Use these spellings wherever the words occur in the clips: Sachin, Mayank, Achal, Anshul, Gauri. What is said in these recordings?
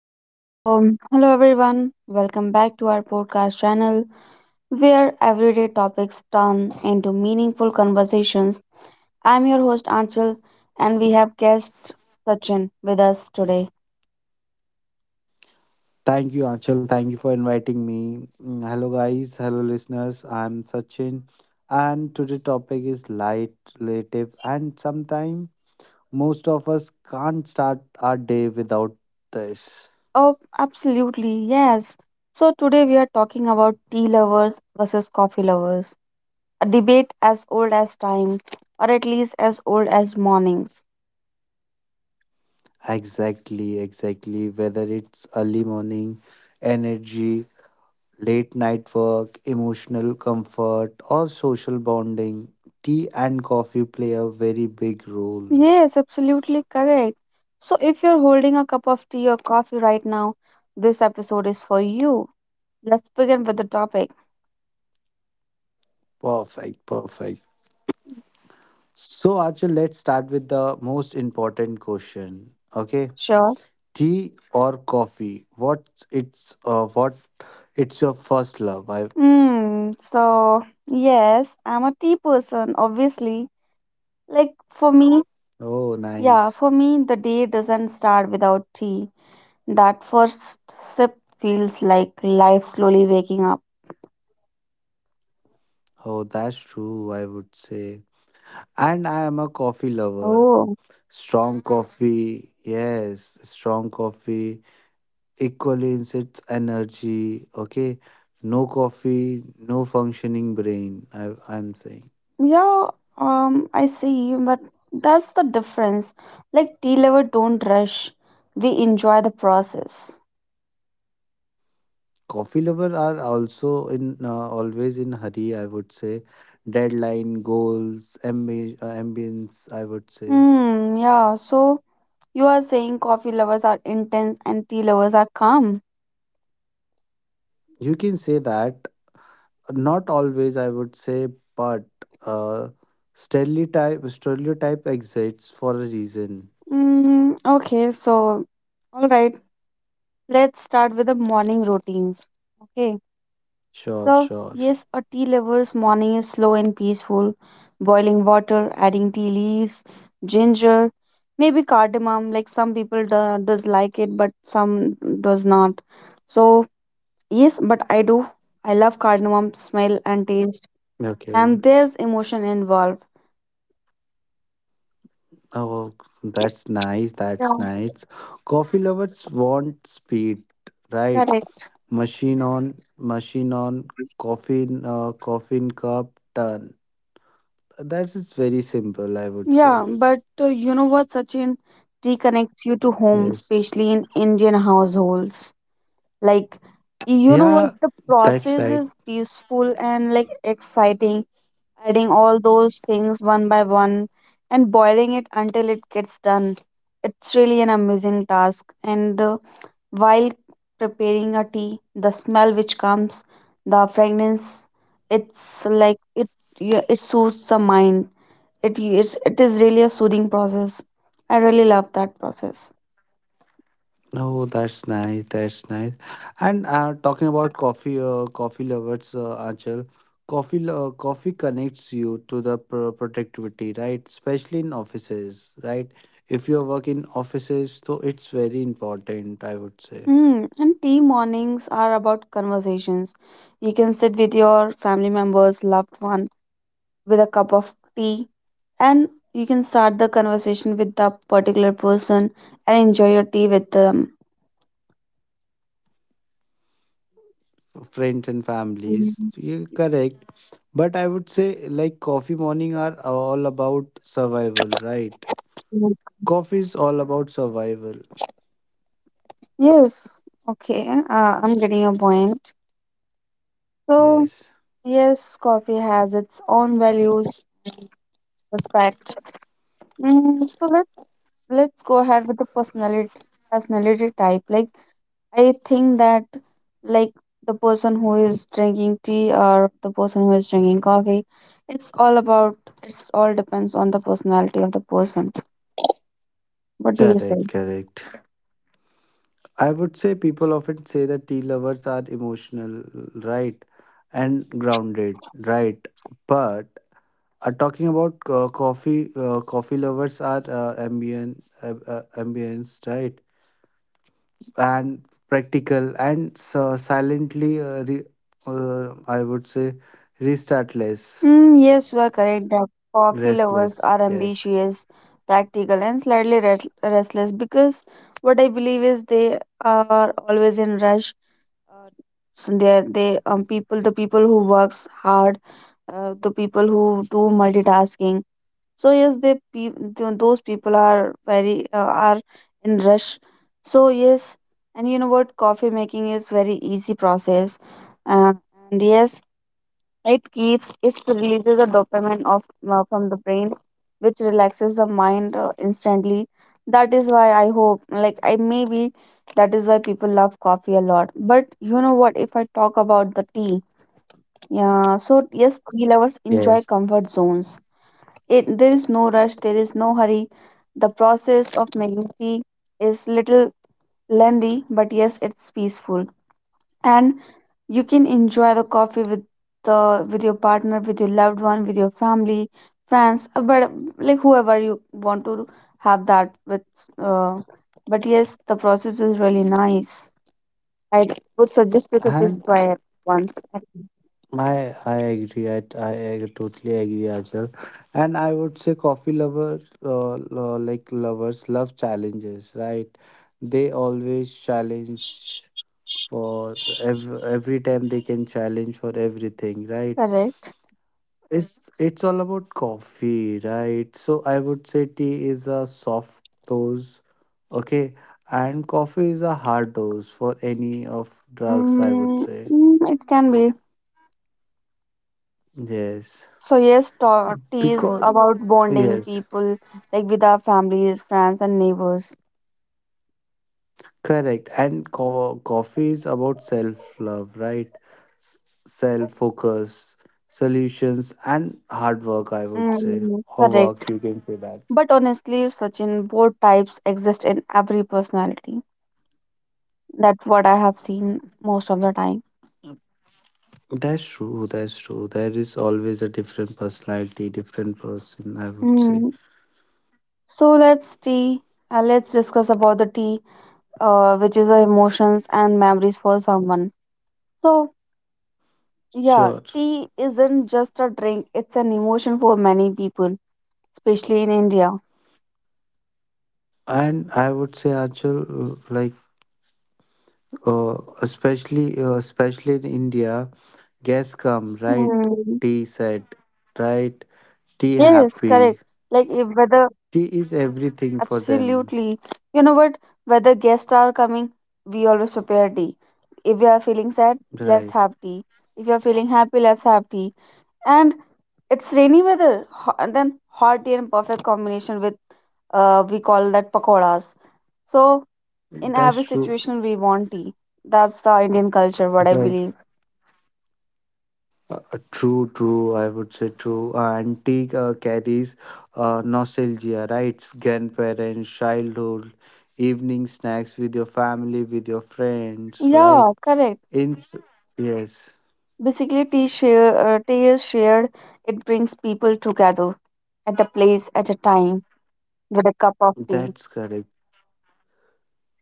Okay, so hello everyone. Welcome back to our podcast channel where everyday topics turn into meaningful conversations. I'm your host Anchal and we have guest Sachin with us today. Thank you, Anshul. Thank you for inviting me. Hello, guys. Hello, listeners. I'm Sachin, and today topic is light, relative, and sometimes most of us can't start our day without this. Oh, absolutely. Yes. So today we are talking about tea lovers versus coffee lovers, a debate as old as time or at least as old as mornings. Exactly, exactly. Whether it's early morning, energy, late night work, emotional comfort, or social bonding, tea and coffee play a very big role. Yes, absolutely correct. So, if you're holding a cup of tea or coffee right now, this episode is for you. Let's begin with the topic. Perfect, perfect. So, Achal, let's start with the most important question. Okay, Sure. tea or coffee? What's it's what it's your first love? I. Hmm. So, yes, I'm a tea person, obviously. Like, for me, Oh, nice. yeah, for me, the day doesn't start without tea. That first sip feels like life slowly waking up. Oh, that's true, I would say, and I am a coffee lover. Oh. Strong coffee, yes, strong coffee. Equally in its energy. Okay, no coffee, no functioning brain, I'm saying. Yeah, I see, but that's the difference. Like tea lovers don't rush. We enjoy the process. Coffee lover are also in always in hurry, I would say. Deadline goals ambience, I would say. Yeah, so you are saying coffee lovers are intense and tea lovers are calm. You can say that. Not always, I would say, but uh, stereotype exists for a reason. Hmm, okay, so all right, let's start with the morning routines. Okay. Sure, So, sure. yes, a tea lover's morning is slow and peaceful. Boiling water, adding tea leaves, ginger, maybe cardamom. Like some people do, does like it, but some does not. So, yes, but I do. I love cardamom smell and taste, Okay. and there's emotion involved. Oh, that's nice, Yeah, that's nice. Coffee lovers want speed, right? correct. Machine on. Coffin cup turn. That is very simple, I would say. Yeah, but you know what, Sachin? Tea connects you to home, Yes. especially in Indian households. Like, you know what? Yeah, The that's process right. is peaceful and like exciting, adding all those things one by one and boiling it until it gets done. It's really an amazing task. And while preparing a tea, the smell which comes, the fragrance, it's like it yeah, it soothes the mind. It is really a soothing process. I really love that process. Oh, that's nice, that's nice. And talking about coffee lovers, Achal, coffee connects you to the productivity, right? Especially in offices, right? If you work in offices, so it's very important, I would say. Mm, and tea mornings are about conversations. You can sit with your family members, loved one, with a cup of tea, and you can start the conversation with that particular person and enjoy your tea with them. Friends and families. Mm, You're correct. But I would say like coffee morning are all about survival, right? mm. Coffee is all about survival. Yes, okay, I'm getting your point. So, Yes. yes, coffee has its own values, respect. Mm, so let's go ahead with the personality type. Like I think that like the person who is drinking tea or the person who is drinking coffee, it's all about it's all depends on the personality of the person. What do you Correct, say? correct. I would say people often say that tea lovers are emotional, right? And grounded, right? But talking about coffee, coffee lovers are ambience, right? And practical and so silently I would say restartless. Mm, yes, you are correct that coffee lovers Restless, are yes. ambitious, practical, and slightly restless because what I believe is they are always in rush. Uh, so they are they, people the people who works hard, the people who do multitasking, so yes, those people are very are in rush. So yes, and you know what, coffee making is very easy process. uh, and yes, it releases the dopamine of, from the brain, which relaxes the mind instantly. That is why I hope, like, I maybe, that is why people love coffee a lot. But you know what, if I talk about the tea, yeah, so yes, tea lovers enjoy Yes. comfort zones. There is no rush, there is no hurry. The process of making tea is little lengthy, but yes, it's peaceful. And you can enjoy the coffee with the with your partner, with your loved one, with your family, friends, but like whoever you want to have that with. Uh, but yes, the process is really nice. I would suggest you to please And try it once. my I agree. I totally agree as well. And I would say coffee lovers lovers love challenges, right? They always challenge for every time. They can challenge for everything, right? Correct. It's all about coffee, right? So I would say tea is a soft dose, okay, and coffee is a hard dose for any of drugs, I would Mm, say. mm, it can be. Yes. So yes, talk is Because about bonding yes, people like with our families, friends, and neighbors. correct. And coffee is about self-love, right? S- Self-focus, solutions, and hard work, I would say. Mm, Or work, correct. you can say that. But honestly, Sachin, both types exist in every personality. That's what I have seen most of the time. That's true. That's true. There is always a different personality, different person, I would say. Mm. So let's tea. Let's discuss about the tea, which is the emotions and memories for someone. So yeah, Sure. tea isn't just a drink; it's an emotion for many people, especially in India. And I would say, Achal, like, uh, especially in India, guests come, right? Mm. Tea set, right? Tea Yes, correct. happy. Like if whether, Tea is everything for them, absolutely, you know what, whether guests are coming, we always prepare tea. If we are feeling sad, let's right? have tea. If you are feeling happy, let's have tea. And it's rainy weather, and then hot tea and perfect combination with, we call that, pakoras. So in That's every true. situation we want tea. That's the Indian culture, what I Right. believe. True, true. I would say true. Antique carries nostalgia, right? Grandparents, childhood, evening snacks with your family, with your friends. Like, Yeah, correct. in, yes, Basically, tea is shared. It brings people together at the place at a time with a cup of tea. that's correct.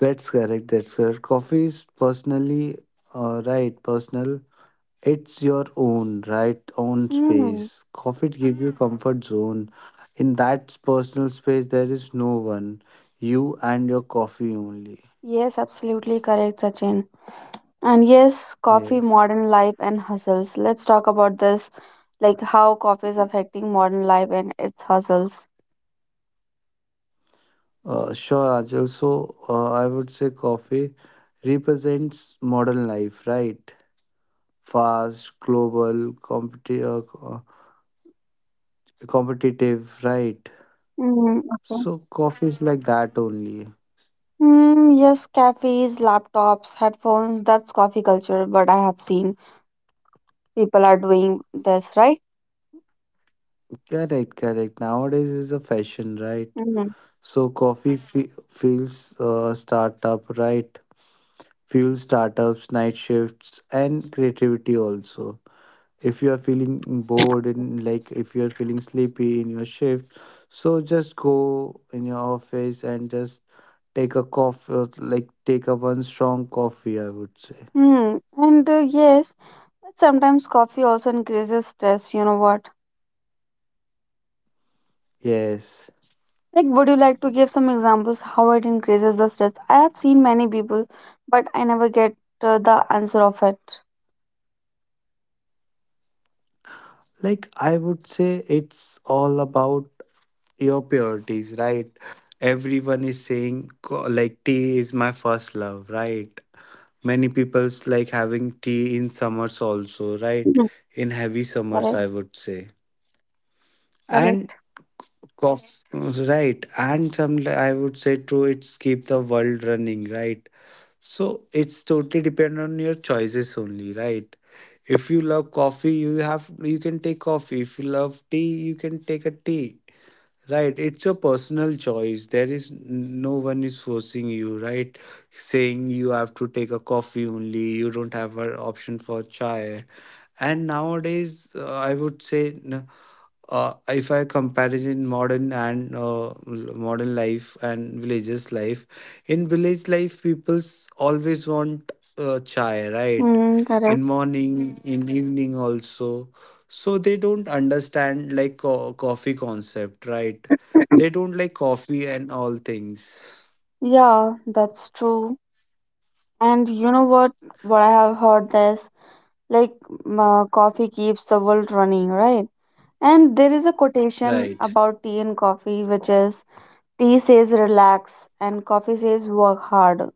That's correct. That's correct. Coffee is personally, right? Personal. It's your own, right? Own Hmm. space. Coffee gives you comfort zone. In that personal space, there is no one. You and your coffee only. Yes, absolutely correct, Sachin. And yes, coffee, Yes, modern life, and hustles. Let's talk about this, like how coffee is affecting modern life and its hustles. Sure, Ajal. So, I would say coffee represents modern life, right? Fast, global, competitive, right? Mm, okay. So, coffee is like that only. Mm, yes, cafes, laptops, headphones, that's coffee culture, what I have seen. People are doing this, right? Correct, correct. Nowadays is a fashion, right? Mm-hmm. So, coffee feels startup, right? Fuel startups, night shifts, and creativity also. If you are feeling bored, and like if you are feeling sleepy in your shift, so just go in your office and just take a coffee, like take a one strong coffee, I would say. Mm, and yes, but sometimes coffee also increases stress, you know what? Yes. Like, would you like to give some examples how it increases the stress? I have seen many people, but I never get the answer of it. Like I would say it's all about your priorities, right? Everyone is saying tea is my first love, right? Many people's like having tea in summers also, right? Mhm. In heavy summers, Correct, I would say. And correct. cause right, and some I would say true. It's keep the world running, right? So it's totally depend on your choices only, right? If you love coffee, you have you can take coffee. If you love tea, you can take a tea, right? It's your personal choice. There is no one is forcing you, right? Saying you have to take a coffee only. You don't have an option for chai. And nowadays, I would say no. If I comparison modern and modern life and villages life, in village life, people's always want chai, right? Mm, correct. In morning, in evening also. So they don't understand like coffee concept, right? They don't like coffee and all things, Yeah, that's true. And you know what? What I have heard this, like, coffee keeps the world running, right? And there is a quotation right? about tea and coffee, which is, tea says relax and coffee says work hard.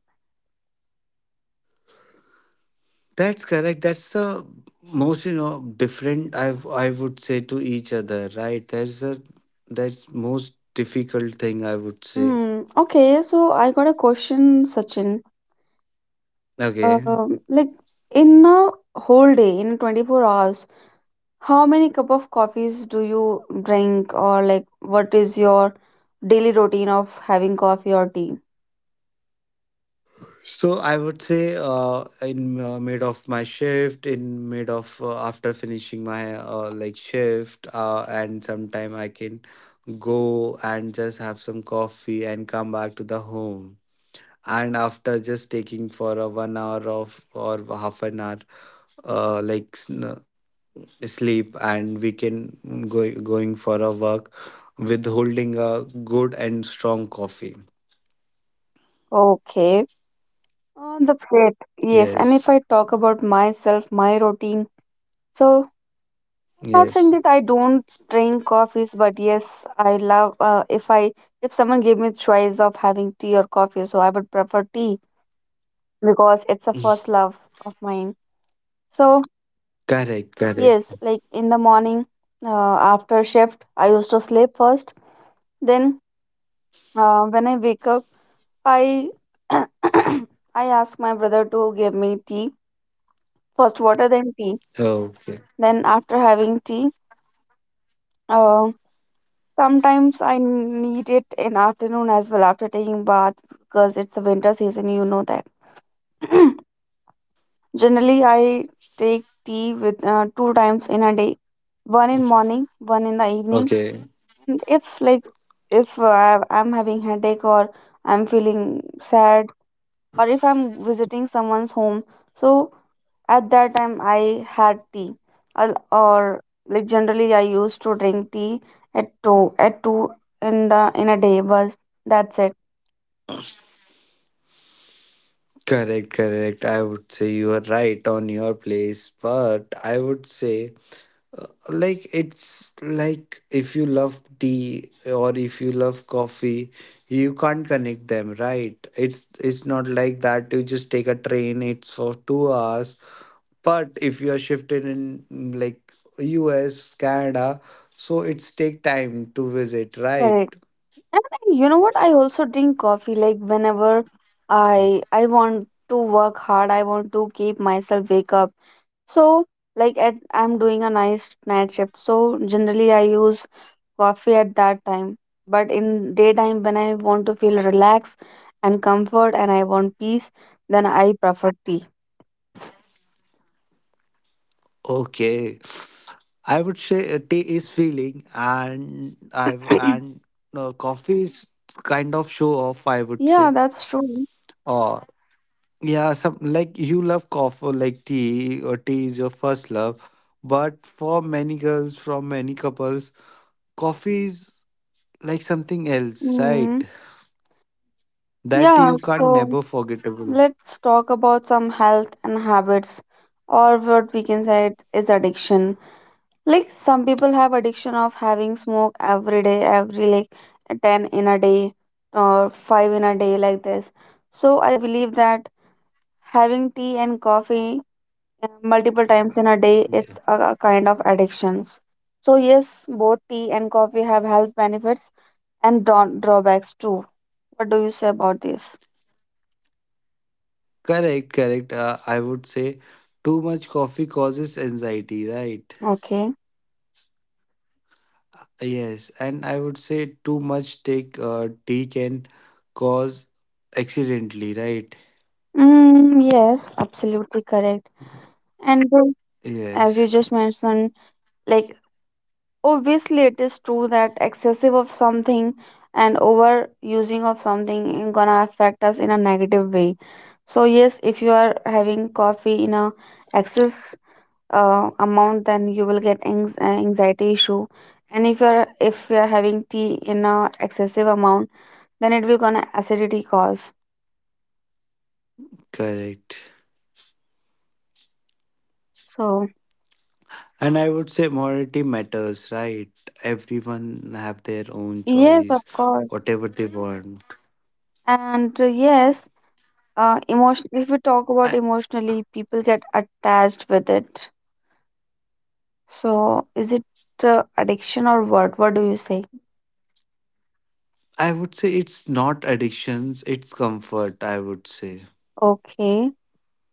That's correct. That's the most, you know, different, I would say, to each other, right? That's a, that's most difficult thing, I would say. Hmm. Okay, so I got a question, Sachin. Okay, Like in a whole day, in 24 hours, how many cup of coffees do you drink, or like what is your daily routine of having coffee or tea? so I would say in mid of my shift, in mid of after finishing my like shift, and sometime I can go and just have some coffee and come back to the home. And after just taking for a 1 hour of or half an hour, uh, like sn- sleep and we can go going for a walk with holding a good and strong coffee. Okay, that's great. Yes, and if Yes. I talk about myself, my routine, so I'm not saying Yes. that I don't drink coffees, but yes, I love, if someone gave me choice of having tea or coffee, so I would prefer tea because it's a first love of mine. So Correct, correct. yes, like in the morning, after shift, I used to sleep first. Then when I wake up, I I ask my brother to give me tea, first water then tea. Okay. Then after having tea, uh, sometimes I need it in afternoon as well after taking bath because it's a winter season. You know that. Generally, I take tea with two times in a day, one in morning, one in the evening. Okay. And if like, if I'm having headache or I'm feeling sad or if I'm visiting someone's home, so at that time I had tea. I'll, or like, generally I used to drink tea at 2 in the in a day, but that's it. Correct, correct. I would say you are right on your place, but I would say like it's like if you love tea or if you love coffee, you can't connect them, right? It's not like that you just take a train, it's for 2 hours. But if you are shifted in like US, Canada, so it's take time to visit, right? Correct. You know what, I also drink coffee, like whenever I want to work hard, I want to keep myself wake up. So, like, at, I'm doing a nice night shift. So, generally, I use coffee at that time. But in daytime, when I want to feel relaxed and comfort and I want peace, then I prefer tea. Okay, I would say tea is feeling, and i've and uh, coffee is kind of show off, I would say. Yeah, that's true. Or yeah, some like you love coffee, like tea, or tea is your first love, but for many girls, from many couples, coffee is like something else, Hmm. right? That Yeah, you can't so never forgettable. let's talk about some health and habits, or what we can say it is addiction. Like some people have addiction of having smoke every day, every like 10 in a day or 5 in a day like this. So I believe that having tea and coffee multiple times in a day, Yeah, it's a kind of addictions. So yes, both tea and coffee have health benefits and drawbacks too. What do you say about this? correct, correct. I would say too much coffee causes anxiety, right? Okay. Yes, and I would say too much take tea can cause accidentally, right? Mm, yes, absolutely correct. And as you Yes, just mentioned, like Obviously, it is true that excessive of something and overusing of something is gonna affect us in a negative way. So yes, if you are having coffee in a excess amount, then you will get anx- anxiety issue. And if you are having tea in a excessive amount, then it will gonna acidity cause. correct. So And I would say morality matters, right? Everyone have their own yes, of choice, course. whatever they want. And yes, emotion. If we talk about I, emotionally, people get attached with it. So, is it addiction or what? What do you say? I would say it's not addictions, it's comfort, I would say. Okay.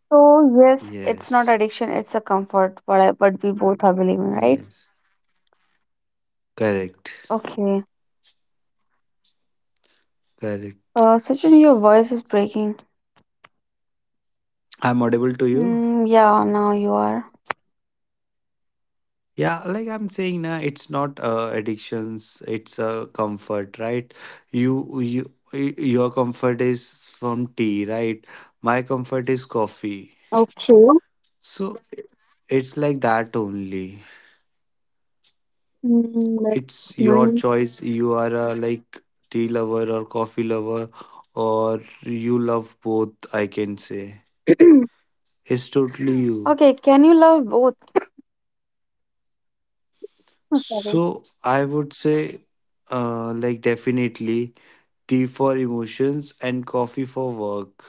So, yes, it's not Yes, addiction, it's a comfort, what I, what we both are believing, right? yes, correct, Okay. correct. Sachin, your voice is breaking. I'm audible to you. Mm, yeah, now you are. Yeah, like I'm saying, na, it's not addictions. It's a comfort, right? You, your comfort is from tea, right? My comfort is coffee. Okay. So it's like that only. Mm, that's It's your nice. choice. You are a like tea lover or coffee lover, or you love both. I can say it's totally you. Okay, can you love both? Oh, sorry. So I would say, like definitely tea for emotions and coffee for work.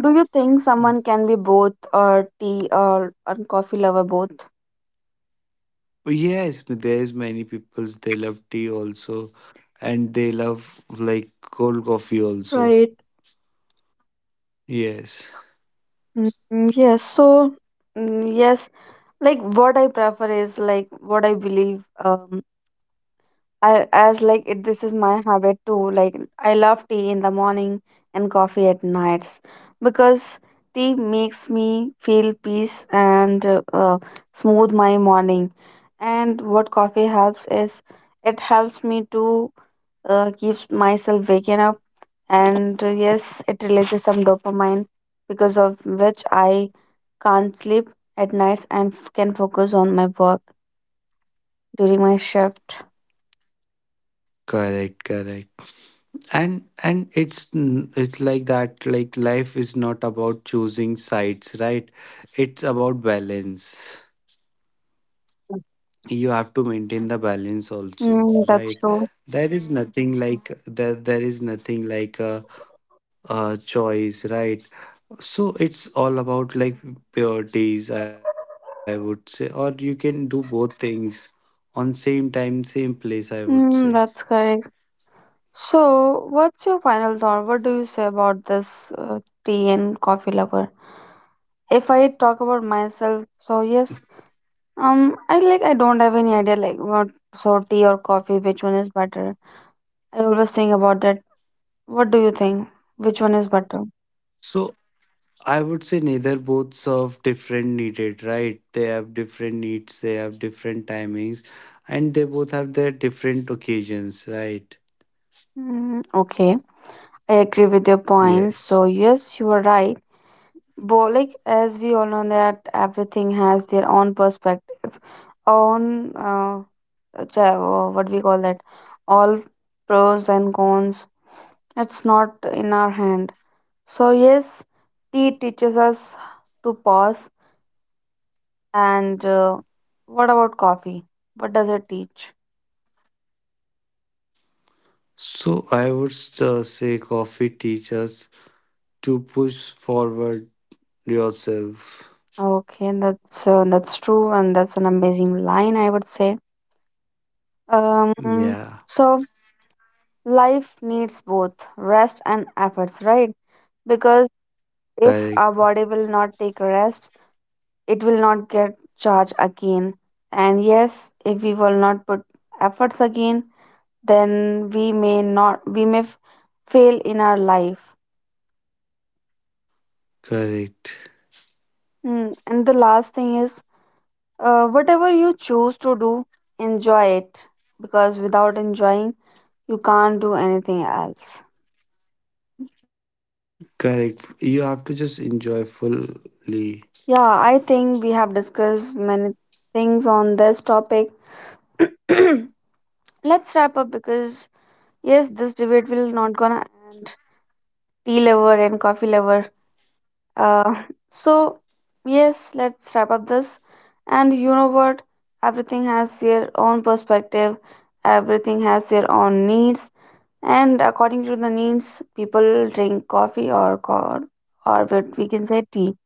Do you think someone can be both or tea or coffee lover both? Yes, there's many peoples they love tea also, and they love like cold coffee also. Right. Yes, Mm, yes, so mm, yes, like what I prefer is like what I believe, um, I, as like it, this is my habit too, like I love tea in the morning and coffee at nights because tea makes me feel peace and smooth my morning. And what coffee helps is, it helps me to keep myself waking up and yes, it releases some dopamine, because of which I can't sleep at nights and can focus on my work during my shift. correct, correct. And it's like that. Like life is not about choosing sides, right? It's about balance. You have to maintain the balance also, Mm, right? that's true. There is nothing like, there is nothing like a choice, right? So it's all about like priorities, I would say, or you can do both things on same time, same place, I would say. Mm, that's correct. So, what's your final thought? What do you say about this tea and coffee lover? If I talk about myself, so yes, I like, I don't have any idea, like what, so tea or coffee, which one is better. I always think about that. What do you think? Which one is better? So I would say neither both serve different needed, right? They have different needs, they have different timings, and they both have their different occasions, right? Mm, okay, I agree with your points. Yes. So yes, you are right. But like as we all know that everything has their own perspective, own cha- what we call that, all pros and cons. It's not in our hand. So yes, tea teaches us to pause. And what about coffee? What does it teach? So I would say coffee teaches to push forward yourself. Okay, that's true, and that's an amazing line, I would say. Um, Yeah, so life needs both rest and efforts, right? Because if our correct, body will not take rest, it will not get charged again. And yes, if we will not put efforts again, then we may not, we may fail in our life. correct. Hmm. And the last thing is, whatever you choose to do, enjoy it, because without enjoying, you can't do anything else. Correct. You have to just enjoy fully. Yeah, I think we have discussed many things on this topic. Let's wrap up because yes, this debate will not gonna end. Tea lover and coffee lover. Uh, so yes, let's wrap up this. And you know what? Everything has their own perspective. Everything has their own needs. And according to the needs, people drink coffee or what we can say tea.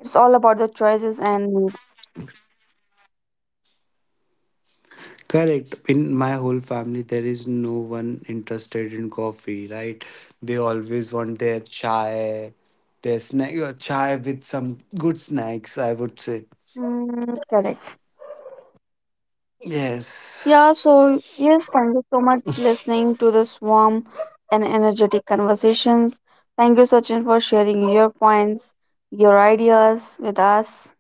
It's all about the choices and needs. Correct. In my whole family, there is no one interested in coffee, right? They always want their chai, their snack, chai with some good snacks, I would say. Mm, correct. Yes. Yeah, so yes, thank you so much listening to this warm and energetic conversations. Thank you, Sachin, for sharing your points, your ideas with us.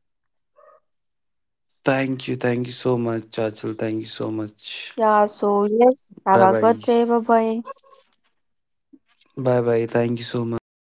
Thank you. Thank you so much, Chachal. Thank you so much. Yeah, so yes, have Bye a bye. good day. Bye bye. Bye bye. Thank you so much.